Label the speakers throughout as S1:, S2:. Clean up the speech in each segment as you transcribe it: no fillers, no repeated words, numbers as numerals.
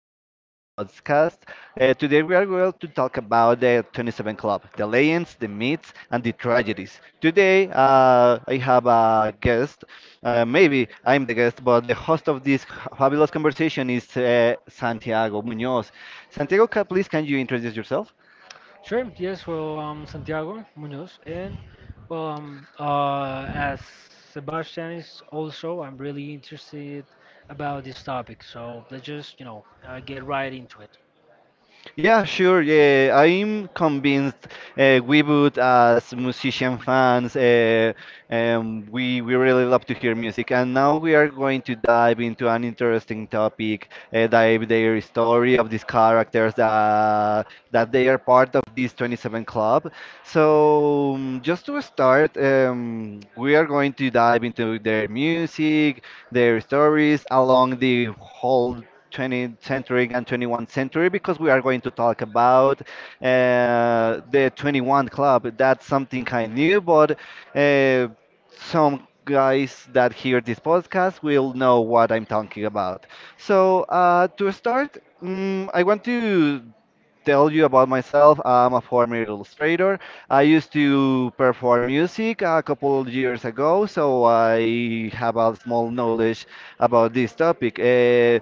S1: this new podcast. Today we are going to talk about the 27 Club, the legends, the myths, and the tragedies. Today I have a guest. Maybe I'm the guest, but the host of this fabulous conversation is Santiago Munoz. Santiago, please can you introduce yourself?
S2: Sure. Yes. Well, Santiago Munoz, and well, as Sebastian is also, I'm really interested about this topic. So let's just, get right into it.
S1: Yeah, sure. Yeah, I'm convinced we would, as musician fans, we really love to hear music, and now we are going to dive into an interesting topic, dive their story of these characters that they are part of this 27 club. So just to start, we are going to dive into their music, their stories along the whole 20th century and 21st century because we are going to talk about the 21 Club. That's something I new, but uh, some guys that hear this podcast will know what I'm talking about. So, to start, I want to tell you about myself. I'm a former illustrator. I used to perform music a couple of years ago, so I have a small knowledge about this topic. Uh,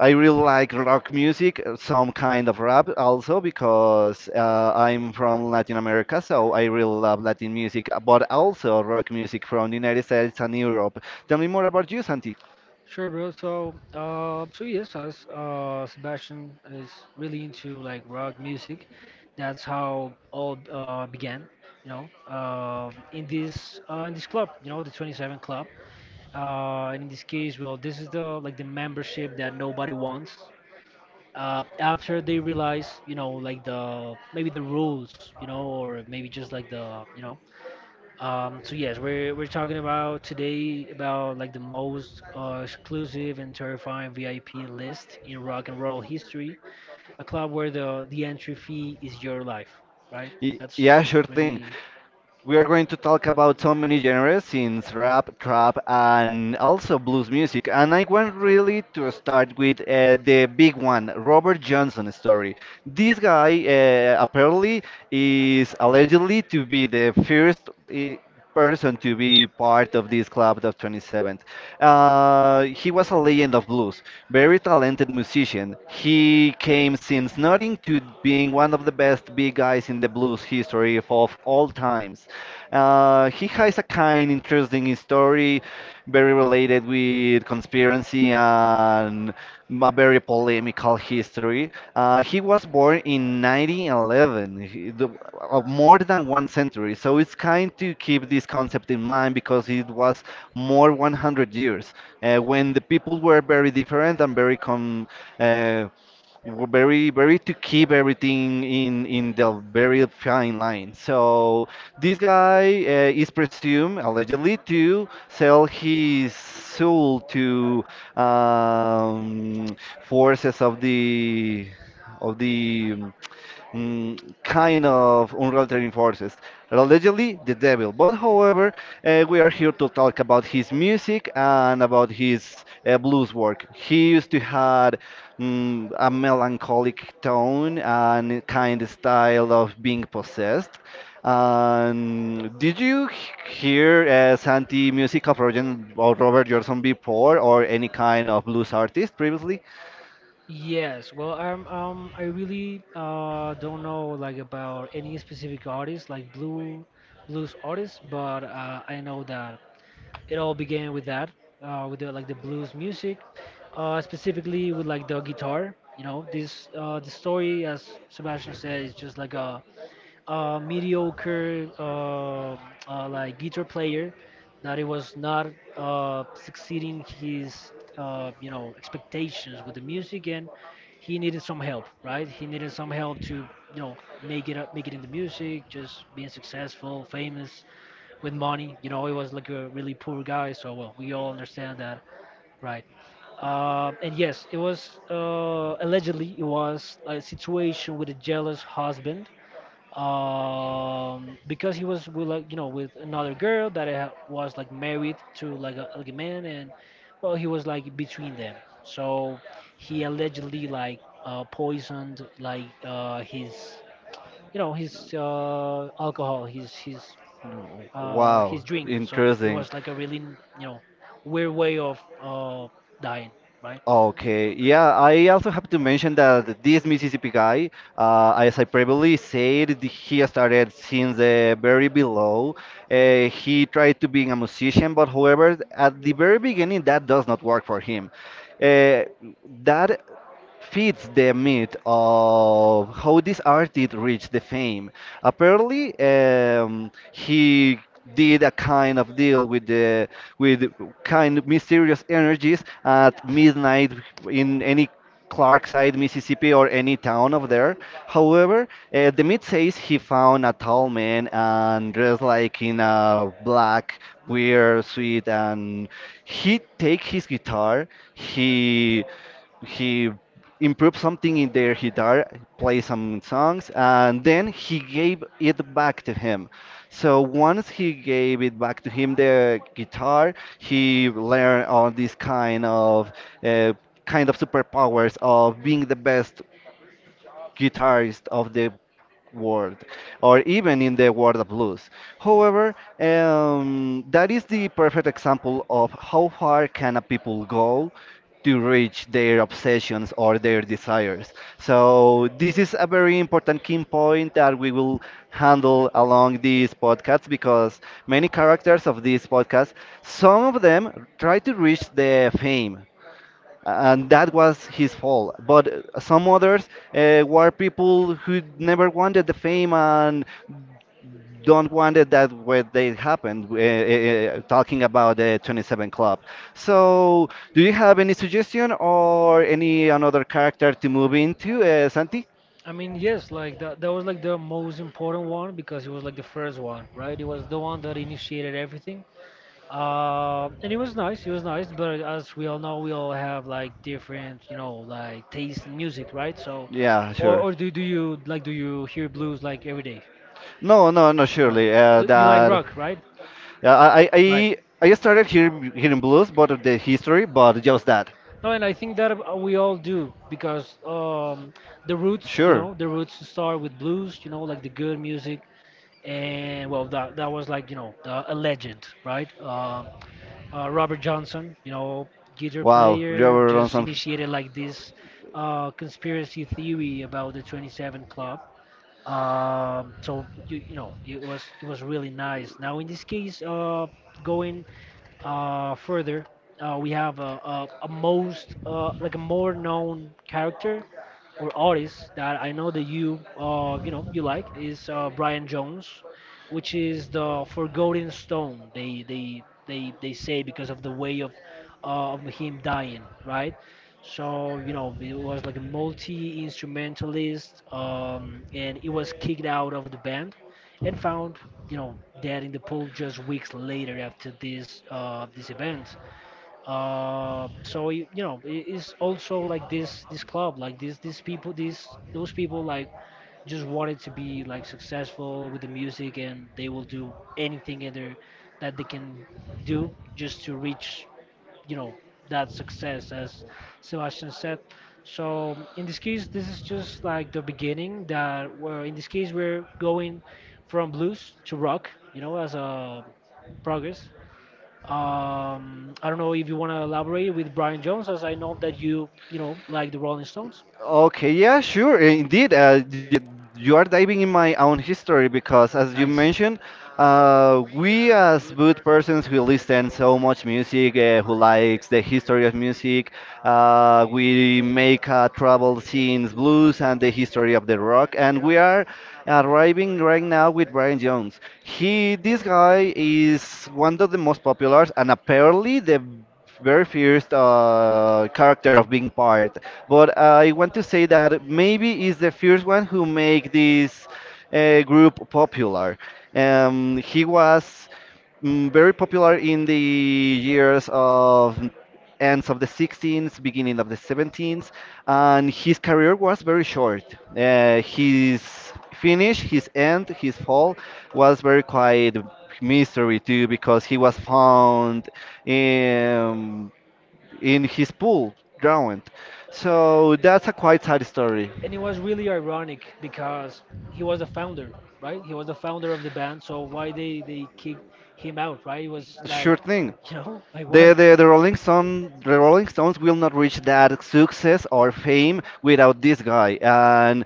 S1: I really like rock music, some kind of rap also, because I'm from Latin America, so I really love Latin music, but also rock music from the United States and Europe. Tell me more about you, Santi.
S2: Sure, bro. So yes, as Sebastian is really into like rock music, that's how all began. You know, uh, in this club, you know, the 27 club. And in this case, well, this is the like the membership that nobody wants. After they realize, you know, like the maybe the rules, you know, or maybe just like the, you know. So yes, we're talking about today about like the most exclusive and terrifying VIP list in rock and roll history, a club where the entry fee is your life, right? That's
S1: Yeah, sure thing.
S2: really.
S1: We are going to talk about so many genres since rap, trap, and also blues music. And I want really to start with the big one, Robert Johnson story. This guy apparently is allegedly to be the first. Person to be part of this club of 27th. He was a legend of blues, very talented musician. He came since nothing to being one of the best big guys in the blues history of all times. He has a kind, interesting story, very related with conspiracy and a very polemical history. He was born in 1911, more than one century. So it's kind to keep this concept in mind because it was more 100 years when the people were very different and very uh, very very to keep everything in the very fine line. So this guy is presumed allegedly to sell his soul to um, forces of the of the kind of unrelenting forces, allegedly the devil. But however, we are here to talk about his music and about his blues work. He used to had a melancholic tone and kind of style of being possessed. Did you hear Santi music of Roger, or Robert Johnson before, or any kind of blues artist previously?
S2: Yes, well, um, I really don't know like about any specific artist, like blues artists, but I know that it all began with that, with the, like the blues music, specifically with like the guitar. You know, this the story, as Sebastian said, is just like a mediocre like guitar player that he was not succeeding his you know expectations with the music, and he needed some help, right? He needed some help to, you know, make it up, make it in the music, just being successful, famous, with money. You know, he was like a really poor guy, so well, we all understand that, right? And yes, it was allegedly it was a situation with a jealous husband, because he was with, like, you know, with another girl that was like married to like a man, and well, he was like between them. So he allegedly like poisoned like his, you know, his alcohol, his, his
S1: Wow,
S2: his drink. So it
S1: interesting.
S2: was like a really, you know, weird way of dying, right?
S1: Okay, yeah, I also have to mention that this Mississippi guy, as I previously said, he started since the very below. He tried to being a musician, but however, at the very beginning, that does not work for him. Uh, that feeds the myth of how this artist reached the fame. Apparently, he did a kind of deal with kind of mysterious energies at midnight in any Clarkside, Mississippi, or any town of there. However, the myth says he found a tall man and dressed like in a black weird suit, and he take his guitar, he he improve something in their guitar, play some songs, and then he gave it back to him. So once he gave it back to him, the guitar, he learned all these uh, kind of superpowers of being the best guitarist of the world or even in the world of blues. However, that is the perfect example of how far can a people go to reach their obsessions or their desires. So this is a very important key point that we will handle along these podcasts because many characters of these podcasts, some of them try to reach the fame, and that was his fault. But some others were people who never wanted the fame and don't wanted that way they happened. Talking about the 27 Club. So, do you have any suggestion or any another character to move into, Santi?
S2: I mean, yes, like that, that was like the most important one because it was like the first one, right? It was the one that initiated everything. And it was nice. It was nice, but as we all know, we all have like different, you know, like taste in music, right? So,
S1: Yeah,
S2: or
S1: sure.
S2: or do you like do you hear blues like every day?
S1: No, no, no,
S2: Right.
S1: surely.
S2: You like
S1: That
S2: rock, right?
S1: yeah,
S2: Right.
S1: I started hearing blues, but of the history, but just that.
S2: No, and I think that we all do because the roots, you
S1: Sure.
S2: know, the roots start with blues, you know, like the good music, and well, that that was like you know the, a legend, right? Robert Johnson, you know, guitar
S1: Wow,
S2: player,
S1: Robert
S2: just
S1: Johnson.
S2: initiated like this conspiracy theory about the 27 Club. So you know, it was really nice. Now in this case, going. Further, we have a most like a more known character or artist that I know that you you know you like is Brian Jones, which is the Forgotten Stone. They say because of the way of him dying, right? So you know it was like a multi instrumentalist, and he was kicked out of the band and found, you know, dead in the pool just weeks later after this this event. So you know, it's also like this club, like this these people, these those people like just wanted to be like successful with the music, and they will do anything in their, that they can do just to reach, you know, that success, as Sebastian said. So in this case this is just like the beginning that we're in this case we're going from blues to rock, you know, as a progress. I don't know if you want to elaborate with Brian Jones, as I know that you know, like the Rolling Stones.
S1: Okay, yeah, sure. Indeed, you are diving in my own history because, as you
S2: Nice.
S1: mentioned, we as both persons who listen so much music, who likes the history of music, we make travel scenes, blues, and the history of the rock, and we are arriving right now with Brian Jones. He, this guy, is one of the most popular and apparently the very first character of being part. But I want to say that maybe is the first one who make this group popular. He was very popular in the years of ends of the 16th, beginning of the 17th, and his career was very short. His finish, his end, his fall was very quiet mystery too because he was found in in his pool drowned. So that's a quite sad story.
S2: And it was really ironic because he was the founder, right? He was the founder of the band, so why they kicked him out, right? It was
S1: Sure
S2: like,
S1: thing.
S2: sure you know, like
S1: The,
S2: what?
S1: the, the, Rolling Stone, the Rolling Stones will not reach that success or fame without this guy. And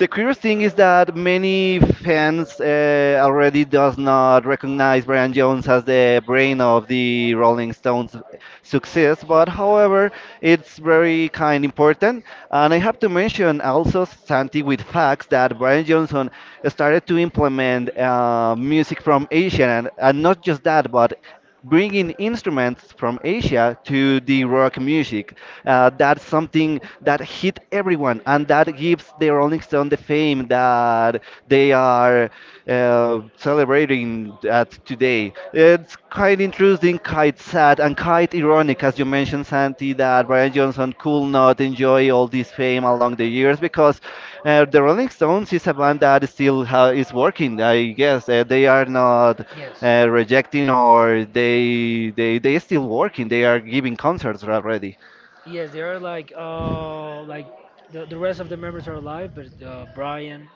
S1: the curious thing is that many fans already does not recognize Brian Jones as the brain of the Rolling Stones success, but however, it's very kind important. And I have to mention also Santi with facts that Brian Johnson started to implement music from Asia, and not just that, but bringing instruments from Asia to the rock music. That's something that hit everyone, and that gives the Rolling Stone the fame that they are celebrating at today. It's quite interesting, quite sad, and quite ironic, as you mentioned, Santi, that Brian Johnson could not enjoy all this fame along the years because the Rolling Stones is a band that still is working. I guess they are not
S2: Yes.
S1: rejecting or they still working. They are giving concerts already.
S2: Yes, they are like the rest of the members are alive, but Brian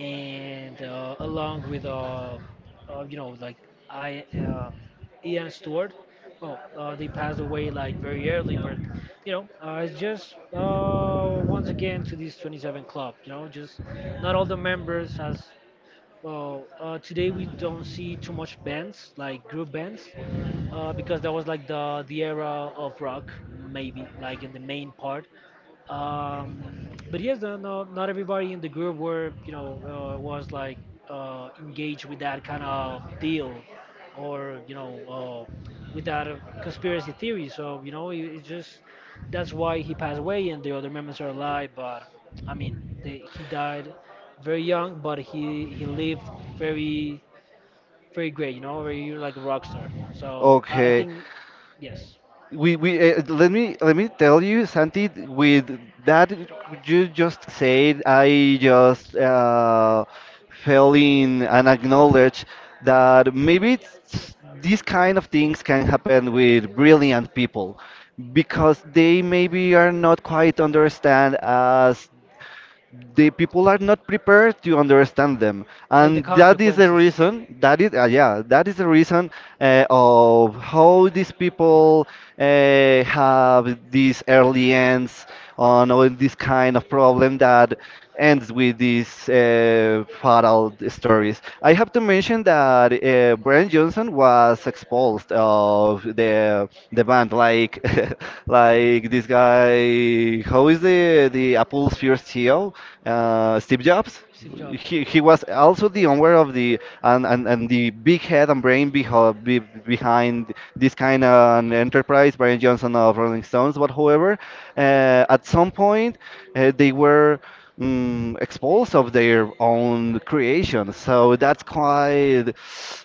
S2: and along with you know like I Ian Stewart, well they passed away like very early, but you know it's just once again to this 27 club, you know, just not all the members as well. Uh, today we don't see too much bands like group bands, because that was like the era of rock, maybe like in the main part. But yes, no, no, not everybody in the group were you know was like engaged with that kind of deal or you know with that conspiracy theory. So you know it, it's just that's why he passed away and the other members are alive. But I mean, he died very young, but he lived very very great, you know, very like a rock star. So I
S1: Okay,
S2: think yes,
S1: we let me tell you Santi with that you just said. I just fell in and acknowledge that maybe it's, these kind of things can happen with brilliant people because they maybe are not quite understand as the people are not prepared to understand them,
S2: like the
S1: and that is the
S2: consequences.
S1: reason. That is yeah, that is the reason of how these people have these early ends on all this kind of problem that ends with these fatal stories. I have to mention that Brian Johnson was expelled of the band, like like this guy, the how is the Apple's first CEO, Steve Jobs?
S2: Steve Jobs.
S1: He was also the owner of the and the big head and brain behind this kind of enterprise, Brian Johnson of Rolling Stones, but however, at some point they were expose of their own creation. So that's quite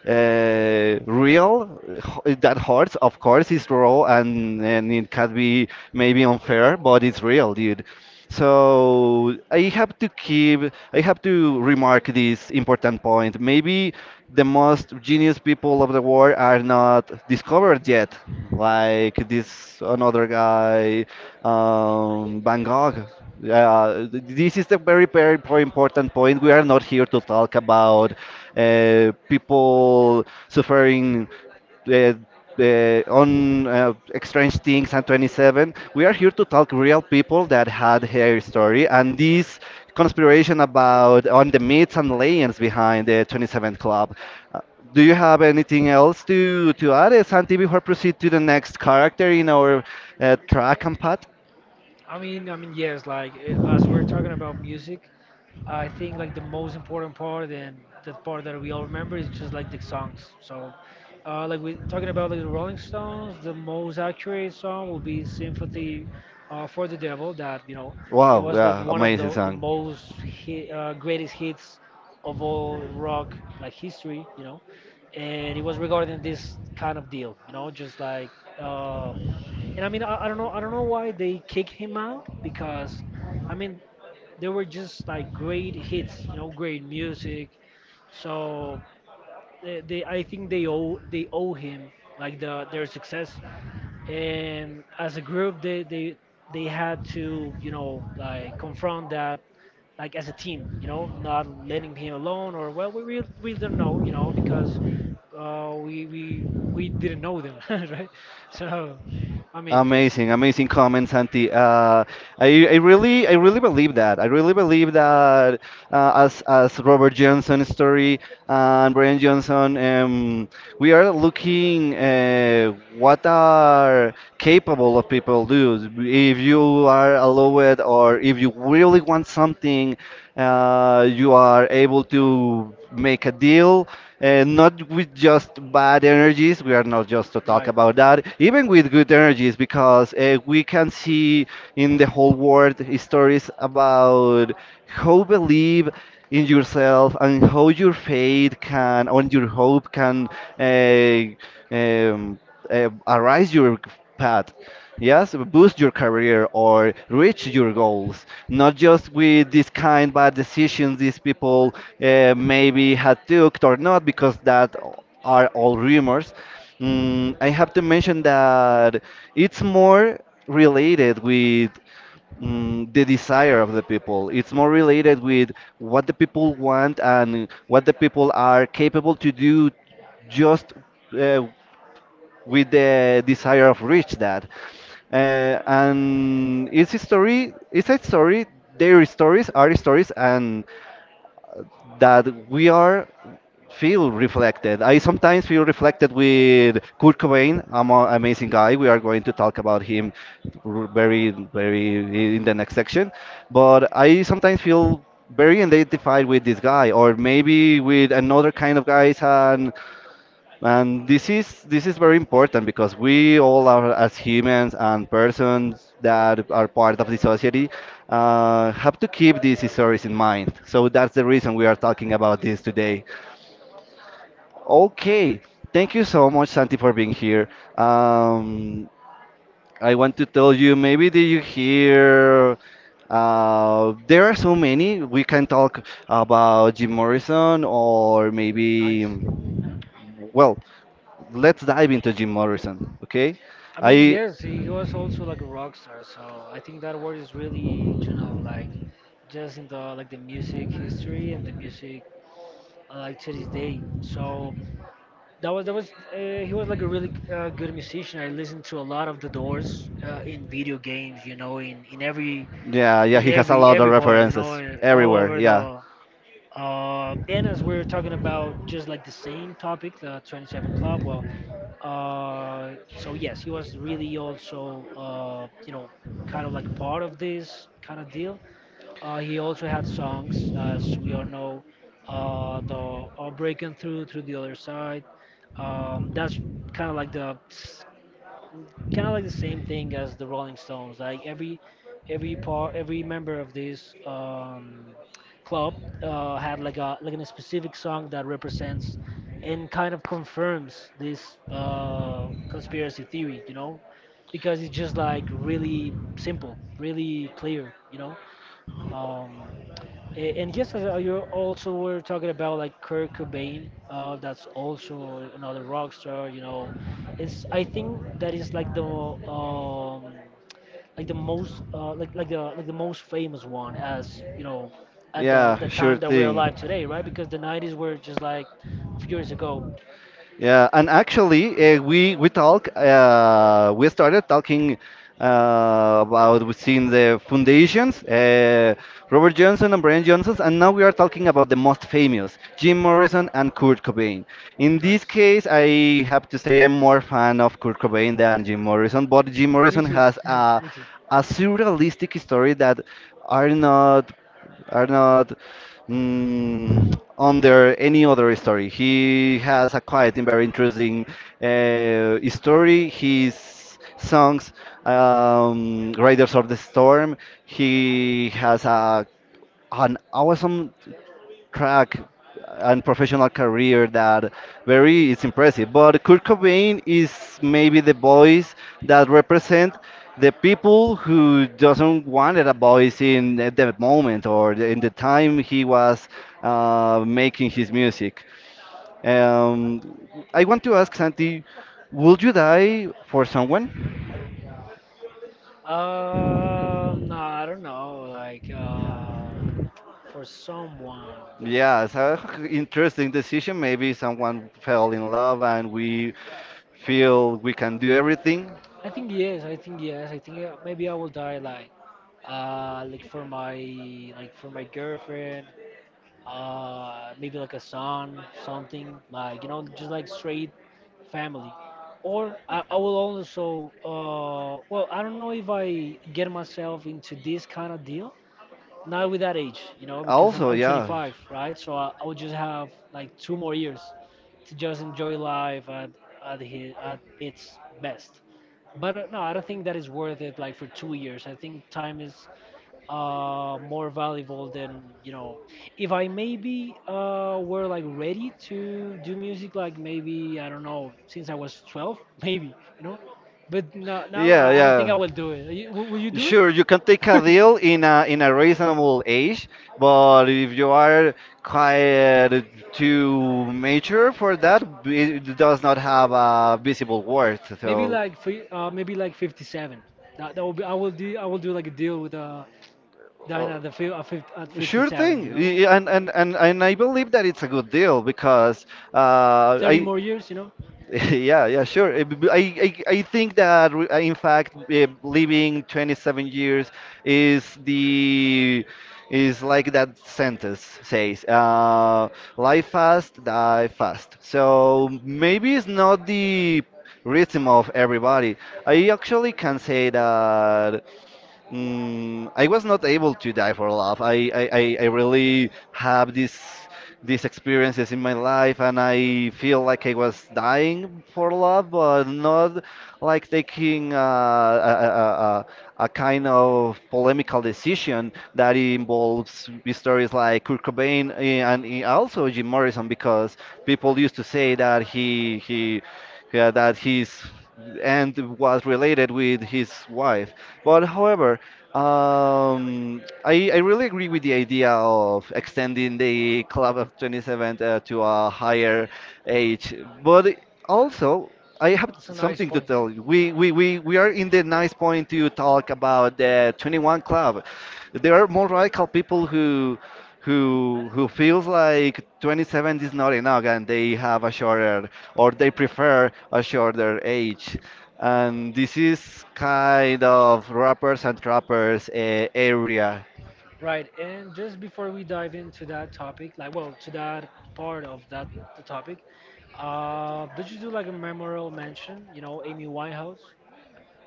S1: real. That hurts, of course, is raw and it can be maybe unfair, but it's real, dude. So I have to keep, I have to remark this important point. Maybe the most genius people of the world are not discovered yet, like this another guy, Van Gogh. Yeah, this is the very, very important point. We are not here to talk about people suffering uh, uh, on Strange Things and 27. We are here to talk real people that had their story and this conspiration about on the myths and legends behind the 27 Club. Uh, do you have anything else to add, Santi, before proceed to the next character in our track and path?
S2: I mean, yes. Like as we're talking about music, I think like the most important part and the part that we all remember is just like the songs. So, like we talking about like the Rolling Stones, the most accurate song will be "Sympathy for the Devil." That you know, it
S1: Wow,
S2: was like
S1: yeah,
S2: one of
S1: amazing
S2: the
S1: song.
S2: most hi greatest hits of all rock like history. You know, and it was regarding this kind of deal. You know, just like. Uh, and I mean, I don't know why they kicked him out because, I mean, they were just like great hits, you know, great music. So they, I think they owe him like the their success. And as a group, they they had to you know like confront that like as a team, you know, not letting him alone, or well, we really, we don't know, you know, because we didn't know them, right? So, I mean, yes,
S1: Amazing, amazing comments, Santi. I really, I really believe that. I really believe that as Robert Johnson's story and Brian Johnson, we are looking what are capable of people do. If you are allowed, or if you really want something, you are able to make a deal not with just bad energies. We are not just to talk about that, even with good energies, because we can see in the whole world stories about how believe in yourself and how your faith can, on your hope can uh, um, arise your path. Yes, boost your career or reach your goals. Not just with this kind bad decisions these people maybe had took or not, because that are all rumors. I have to mention that it's more related with the desire of the people. It's more related with what the people want and what the people are capable to do just uh, with the desire of reach that. And it's a story, their stories are stories, and that we are feel reflected. I sometimes feel reflected with Kurt Cobain, I'm an amazing guy. We are going to talk about him very, very in the next section. But I sometimes feel very identified with this guy, or maybe with another kind of guys, and and this is very important because we all are as humans and persons that are part of the society have to keep these stories in mind. So that's the reason we are talking about this today. Okay, thank you so much, Santi, for being here. Um, I want to tell you, maybe did you hear? There are so many. We can talk about Jim Morrison or maybe. Well, let's dive into Jim Morrison, okay?
S2: I mean,
S1: I,
S2: yes, he was also like a rock star. So I think that word is really, you know, like just in the like the music history and the music like to this day. So that was he was like a really good musician. I listened to a lot of The Doors in video games, you know,
S1: yeah, yeah,
S2: in
S1: he has a lot of
S2: every part, you know,
S1: references
S2: and all
S1: everywhere.
S2: over
S1: Yeah,
S2: the, and as we're talking about just like the same topic, the 27 Club, well, so yes, he was really also, you know, kind of like part of this kind of deal. He also had songs, as we all know, the Breaking Through, Through the Other Side. That's kind of like the kind of like the same thing as the Rolling Stones. Like every part, every member of this club had like a specific song that represents and kind of confirms this conspiracy theory. You know, because it's just like really simple, really clear. You know, um, and yes, as, you also were talking about like Kurt Cobain. That's also another rock star. You know, it's I think that is like the most like the most famous one as you know at
S1: yeah,
S2: the
S1: sure
S2: time that we're alive
S1: thing.
S2: today, right? Because the 90s were just like a few years ago.
S1: Yeah, and actually, we started talking about within the foundations, Robert Johnson and Brian Johnson, and now we are talking about the most famous, Jim Morrison and Kurt Cobain. In this case, I have to say I'm more fan of Kurt Cobain than Jim Morrison, but Jim Morrison has
S2: too.
S1: a surrealistic story that are not are not mm, under any other story. He has a quite and very interesting story. His songs, Riders of the Storm, he has a an awesome crack and professional career that very is impressive. But Kurt Cobain is maybe the voice that represent the people who doesn't wanted a voice in the moment or in the time he was making his music. Um, I want to ask Santi, would you die for someone?
S2: No, I don't know. Like, for someone,
S1: Yeah, it's a interesting decision. Maybe someone fell in love and we feel we can do everything.
S2: I think yes. I think maybe I will die like, uh, like for my like for my girlfriend. Maybe like a son, something like you know, just like straight family. Or I will also well, I don't know if I get myself into this kind of deal, not with that age, you know, because
S1: Also,
S2: I'm
S1: yeah,
S2: 25, right? So I would just have like two more years to just enjoy life at, at its best. But no, I don't think that is worth it like for 2 years. I think time is more valuable than, you know, if I maybe were like ready to do music, like maybe, I don't know, since I was 12, maybe, you know? But no, now
S1: yeah,
S2: I don't think I
S1: yeah.
S2: will do it. You, will you do it?
S1: Sure, you can take a deal in a reasonable age, but if you are quite too mature for that, it does not have a visible worth.
S2: Maybe So,
S1: So,
S2: like maybe like 57. That will be I will do like a deal with dying
S1: uh,
S2: at the fi- at, 50, at Sure,
S1: sure
S2: 57.
S1: thing, and I believe that it's a good deal because
S2: 30
S1: I
S2: more years.
S1: yeah, yeah, sure. I think that, in fact, living 27 years is the is like that sentence says, life fast, die fast. So maybe it's not the rhythm of everybody. I actually can say that mm, I was not able to die for love. I really have this these experiences in my life and I feel like I was dying for love, but not like taking a kind of polemical decision that involves stories like Kurt Cobain and also Jim Morrison because people used to say that he yeah, that his and was related with his wife. But however, I really agree with the idea of extending the club of 27 to a higher age. But also, I have something to tell you. We are in the nice point to talk about the 21 club. There are more radical people who feels like 27 is not enough and they have a shorter or they prefer a shorter age, and this is kind of rappers and trappers area.
S2: Right, and just before we dive into that topic, like, well, to that part of that the topic, did you do like a memorial mention? You know, Amy Winehouse.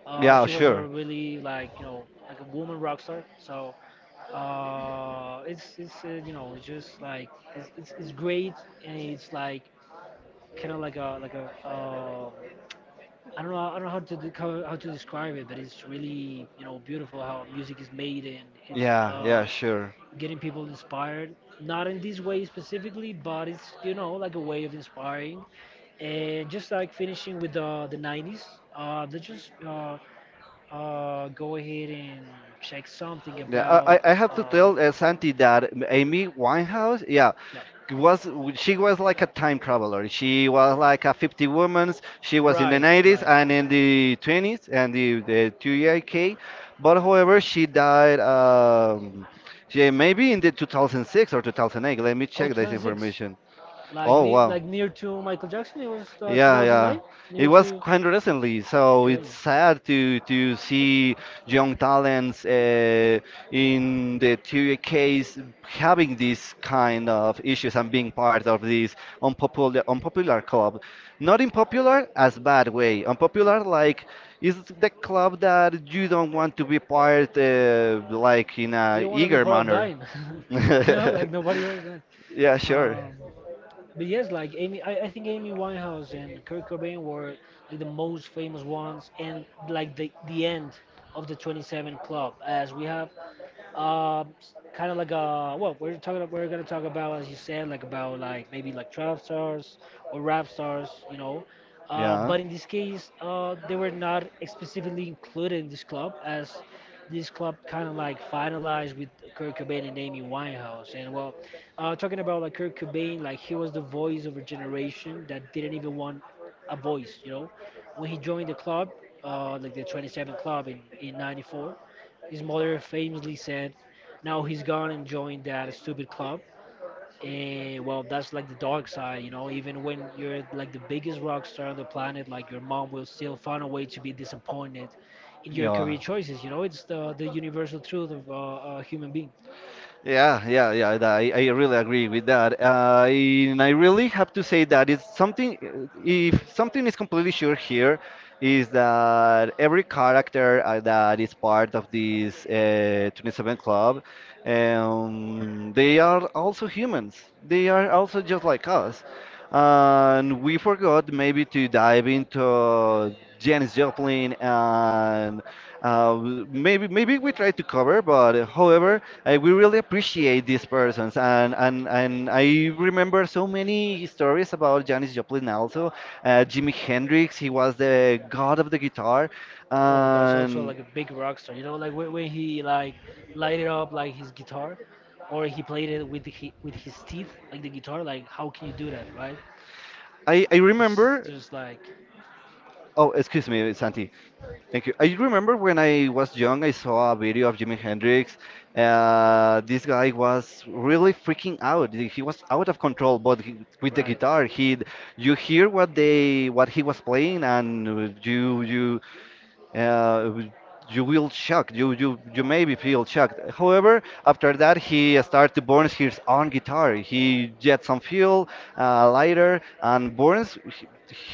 S1: Yeah,
S2: She was a
S1: sure.
S2: really like a woman rock star. So it's it's just like it's great, and it's like kind of like a I don't know. I don't know how to describe it, but it's really beautiful how music is made. And it's
S1: Yeah, yeah,
S2: uh,
S1: sure.
S2: getting people inspired. Not in this way specifically, but it's like a way of inspiring. And just like finishing with the 90s, let's just go ahead and check something
S1: Yeah,
S2: about
S1: I have to tell Santi that Amy Winehouse, yeah,
S2: yeah.
S1: was she was like a time traveler. She was like a 50 woman's. She was in the 90s and in the 20s and the 2K. But however, she died yeah, maybe in the 2006 or 2008. Let me check this
S2: 2006,
S1: information.
S2: like
S1: Oh, wow.
S2: near to Michael Jackson. It was
S1: Yeah, yeah.
S2: 2009. It
S1: It was quite recently, so it's sad to see young talents in the two case having these kind of issues and being part of this unpopular club. Not in popular as bad way. Unpopular like is the club that you don't want to be part like in a eager manner.
S2: Dying. Like nobody wants to
S1: Yeah, sure.
S2: die. But yes, like Amy, I think Amy Winehouse and Kurt Cobain were like the most famous ones, and like the end of the 27 Club. As we have uh, kind of like a well, we're talking we're gonna talk about, as you said, like about like maybe like trap stars or rap stars, you know.
S1: Yeah,
S2: But in this case, they were not specifically included in this club, as this club kind of like finalized with Kurt Cobain and Amy Winehouse. And well, talking about like Kurt Cobain, like he was the voice of a generation that didn't even want a voice, you know. When he joined the club, like the 27 Club in '94, his mother famously said, "Now he's gone and joined that stupid club." And well, that's like the dark side, you know. Even when you're like the biggest rock star on the planet, like your mom will still find a way to be disappointed in your
S1: yeah.
S2: career choices. You know, it's the universal truth of a human being.
S1: Yeah, yeah, yeah. I really agree with that. And I really have to say that it's something, if something is completely sure here, is that every character that is part of this 27 club, they are also humans. They are also just like us. And we forgot maybe to dive into Janis Joplin and uh, maybe we try to cover, but however, we really appreciate these persons, and, and I remember so many stories about Janis Joplin also, Jimi Hendrix. He was the god of the guitar,
S2: Oh, that's also
S1: and
S2: like a big rock star. You know, when he like lighted up like his guitar, or he played it with with his teeth, like the guitar. Like how can you do that, right?
S1: I
S2: It's
S1: remember.
S2: just like.
S1: Oh, excuse me, Santi. Thank you. I remember when I was young, I saw a video of Jimi Hendrix. This guy was really freaking out. He was out of control, but he, with the guitar, he you hear what he was playing, and you uh, you will shocked. You maybe feel shocked. However, after that he started to burn his own guitar. He get some fuel, lighter, and burns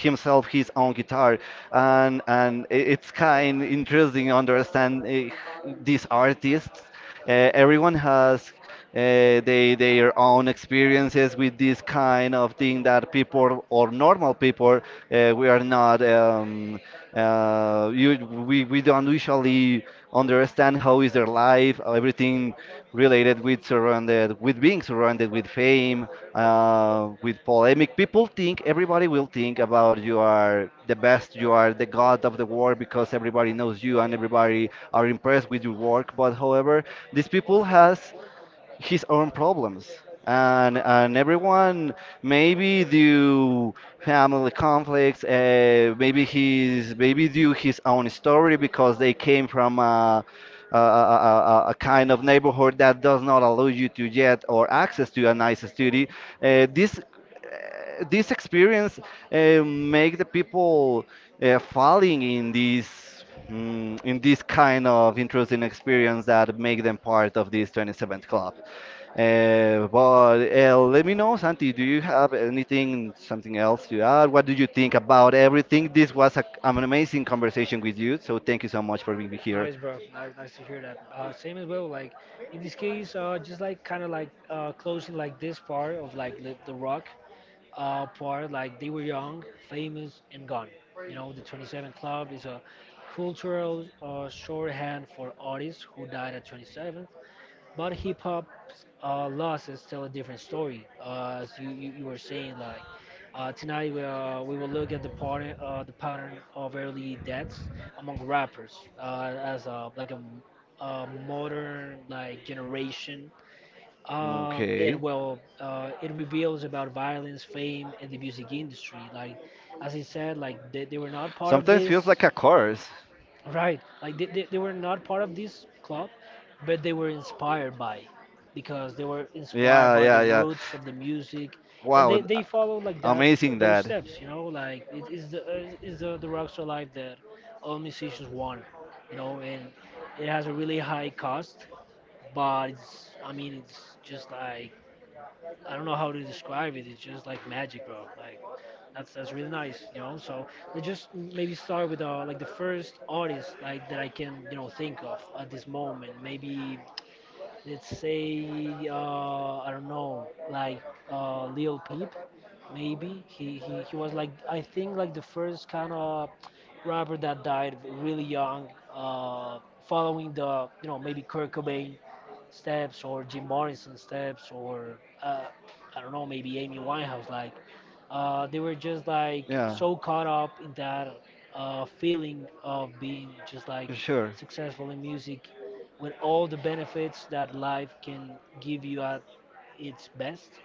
S1: himself his own guitar. And it's kind interesting understand these artists everyone has their own experiences with this kind of thing that people or normal people we are not we don't usually understand how is their life everything related with surrounded with being surrounded with fame, with polemic. People think everybody will think about you are the best, you are the god of the world because everybody knows you and everybody are impressed with your work. But however, these people has his own problems and everyone maybe due family conflicts maybe his maybe due his own story because they came from a kind of neighborhood that does not allow you to get or access to a nice study uh, this this experience make the people falling in this mm, in this kind of interesting experience that make them part of this 27th club. But let me know, Santi, do you have anything, something else to add? What do you think about everything? This was a, an amazing conversation with you, so thank you so much for being here.
S2: Nice, bro. Nice, nice to hear that. Same as well. Like in this case, just like kind of like closing like this part of like the rock part. Like they were young, famous, and gone. You know, the 27 Club is a cultural shorthand for artists who died at 27, but hip hop loss is still a different story. As you were saying, like tonight we will look at the pattern of early deaths among rappers, as a modern like generation, and
S1: Okay.
S2: well, it reveals about violence, fame, and the music industry. Like, as I said, they were not part of
S1: Sometimes feels
S2: this,
S1: like a course.
S2: right? Like they were not part of this club, but they were inspired by, because they were inspired
S1: Yeah,
S2: by
S1: yeah,
S2: the
S1: yeah.
S2: roots of the music, and
S1: Wow,
S2: they followed like that,
S1: amazing
S2: those
S1: that.
S2: steps, you know. Like it is the rockstar life that all musicians want, you know, and it has a really high cost, but it's, I mean, it's just like I don't know how to describe it. It's just like magic, bro. Like that's really nice, you know. So let's just maybe start with like the first artist like that I can you know think of at this moment. Maybe let's say I don't know, like Lil Peep. Maybe he was like I think like the first kind of rapper that died really young, following the you know maybe Kurt Cobain steps or Jim Morrison steps, or I don't know, maybe Amy Winehouse. Like they were just like
S1: Yeah.
S2: so caught up in that feeling of being just like
S1: Sure.
S2: successful in music, with all the benefits that life can give you at its best,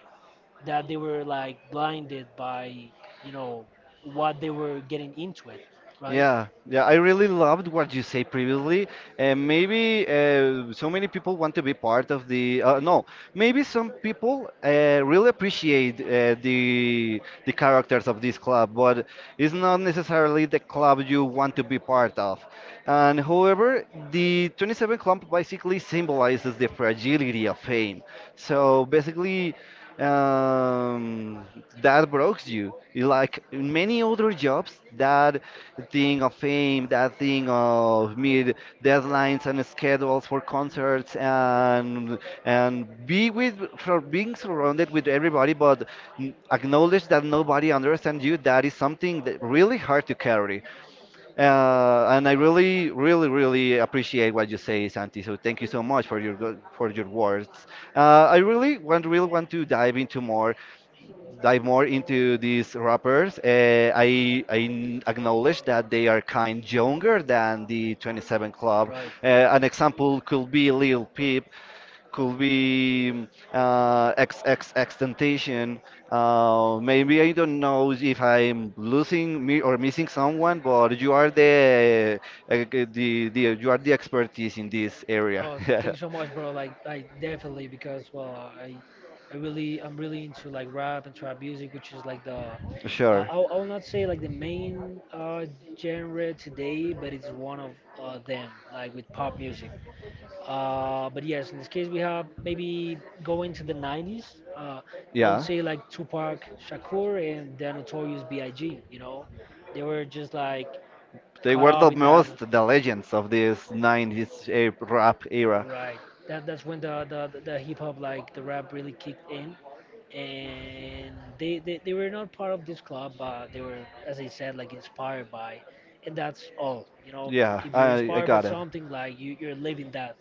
S2: that they were like blinded by, you know, what they were getting into it, right?
S1: Yeah, yeah. I really loved what you say previously, and maybe so many people want to be part of the. No, maybe some people really appreciate the characters of this club, but it's not necessarily the club you want to be part of. And however, the 27 Club basically symbolizes the fragility of fame. So basically, um, that breaks you. You like many other jobs, that thing of fame, that thing of meet deadlines and schedules for concerts, and be with for being surrounded with everybody, but acknowledge that nobody understands you. That is something that really hard to carry. And I really, really, really appreciate what you say, Santi. So thank you so much for your for your words. Really want to dive into more, dive more into these rappers. Uh, I acknowledge that they are kind younger than the 27 Club. An example could be Lil Peep, could be XXX temptation. Maybe I don't know if I'm losing me or missing someone, but you are the the you are the expertise in this area.
S2: Oh, thank you so much, bro. Like, I definitely because well, I, I really, I'm really into like rap and trap music, which is like the, uh,
S1: Sure.
S2: I will not say like the main genre today, but it's one of them, like with pop music. But yes, in this case, we have maybe going to the 90s. I would
S1: Yeah.
S2: say like Tupac Shakur and the Notorious B.I.G. You know, they were just like
S1: They
S2: caught
S1: were
S2: up
S1: the
S2: in that.
S1: most the legends of this 90s rap era.
S2: Right. That that's when the hip hop like the rap really kicked in, and they they were not part of this club, but they were, as I said, like inspired by, and that's all. You know,
S1: Yeah,
S2: if you're
S1: I
S2: inspired by right.
S1: got it.
S2: something, like you you're living that.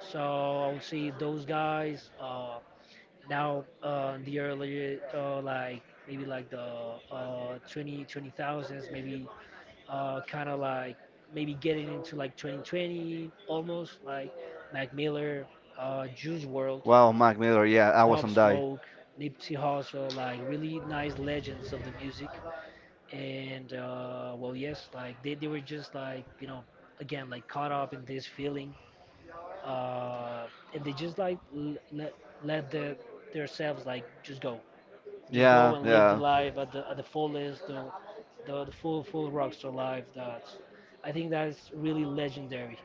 S2: So I would say those guys. Now, in the earlier, like maybe like the 20, 20,000s, maybe kind of like maybe getting into like 2020 almost, like Mac Miller, Juice World,
S1: Wow, Mac Miller. Yeah, I was
S2: Pop
S1: on die.
S2: Smoke, Nipsey Hussle, like really nice legends of the music. And well, yes, like they were just like, you know, again, like caught up in this feeling, uh, and they just like let let the, themselves like just
S1: Yeah,
S2: go and live the
S1: yeah.
S2: life at the fullest, the full full rockstar life. That I think that's really legendary.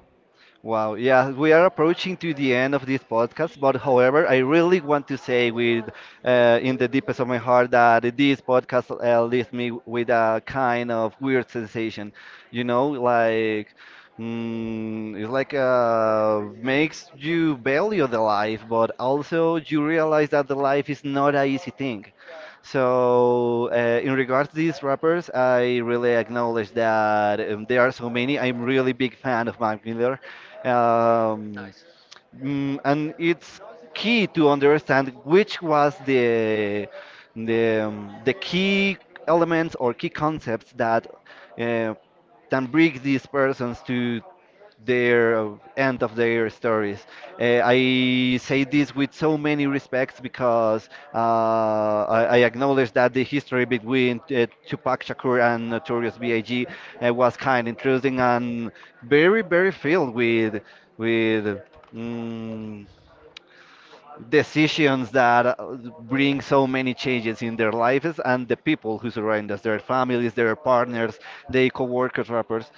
S1: Wow, yeah, we are approaching to the end of this podcast, but however, I really want to say with in the deepest of my heart that this podcast leaves me with a kind of weird sensation, you know, like mm, it's like makes you value the life, but also you realize that the life is not a easy thing. So, in regards to these rappers, I really acknowledge that there are so many. I'm really big fan of Mac Miller. Um,
S2: Nice.
S1: mm, and it's key to understand which was the the key elements or key concepts that uh, that bring these persons to their end of their stories. I say this with so many respects because uh, I acknowledge that the history between Tupac Shakur and Notorious B.I.G. Was kind, interesting, and very, very filled with with mm, decisions that bring so many changes in their lives and the people who surround us, their families, their partners, their co-workers, rappers.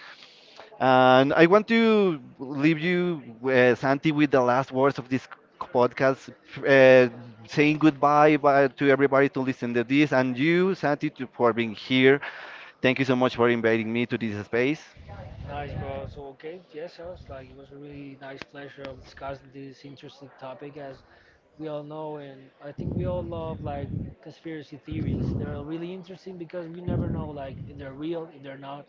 S1: And I want to leave you, Santi, with the last words of this podcast, uh, saying goodbye to everybody to listen to this, and you, Santi, for being here. Thank you so much for inviting me to this space.
S2: Nice, bro. So, okay, yes, Alice, like it was a really nice pleasure of discussing this interesting topic, as we all know, and I think we all love like conspiracy theories. They're really interesting because we never know like if they're real, if they're not.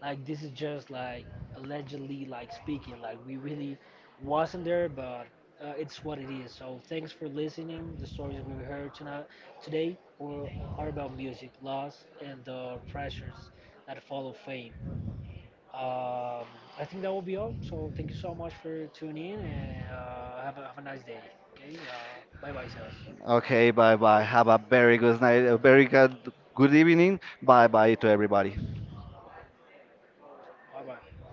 S2: Like this is just like allegedly like speaking. Like we really wasn't there, but it's what it is. So thanks for listening. The stories we heard tonight today were are about music, loss, and the pressures that follow fame. Um, I think that will be all. So thank you so much for tuning in, and have a nice day. Okay. Bye bye, Sebas.
S1: Okay, bye bye. Have a very good night, a very good, good evening. Bye bye to everybody.
S2: Bye bye.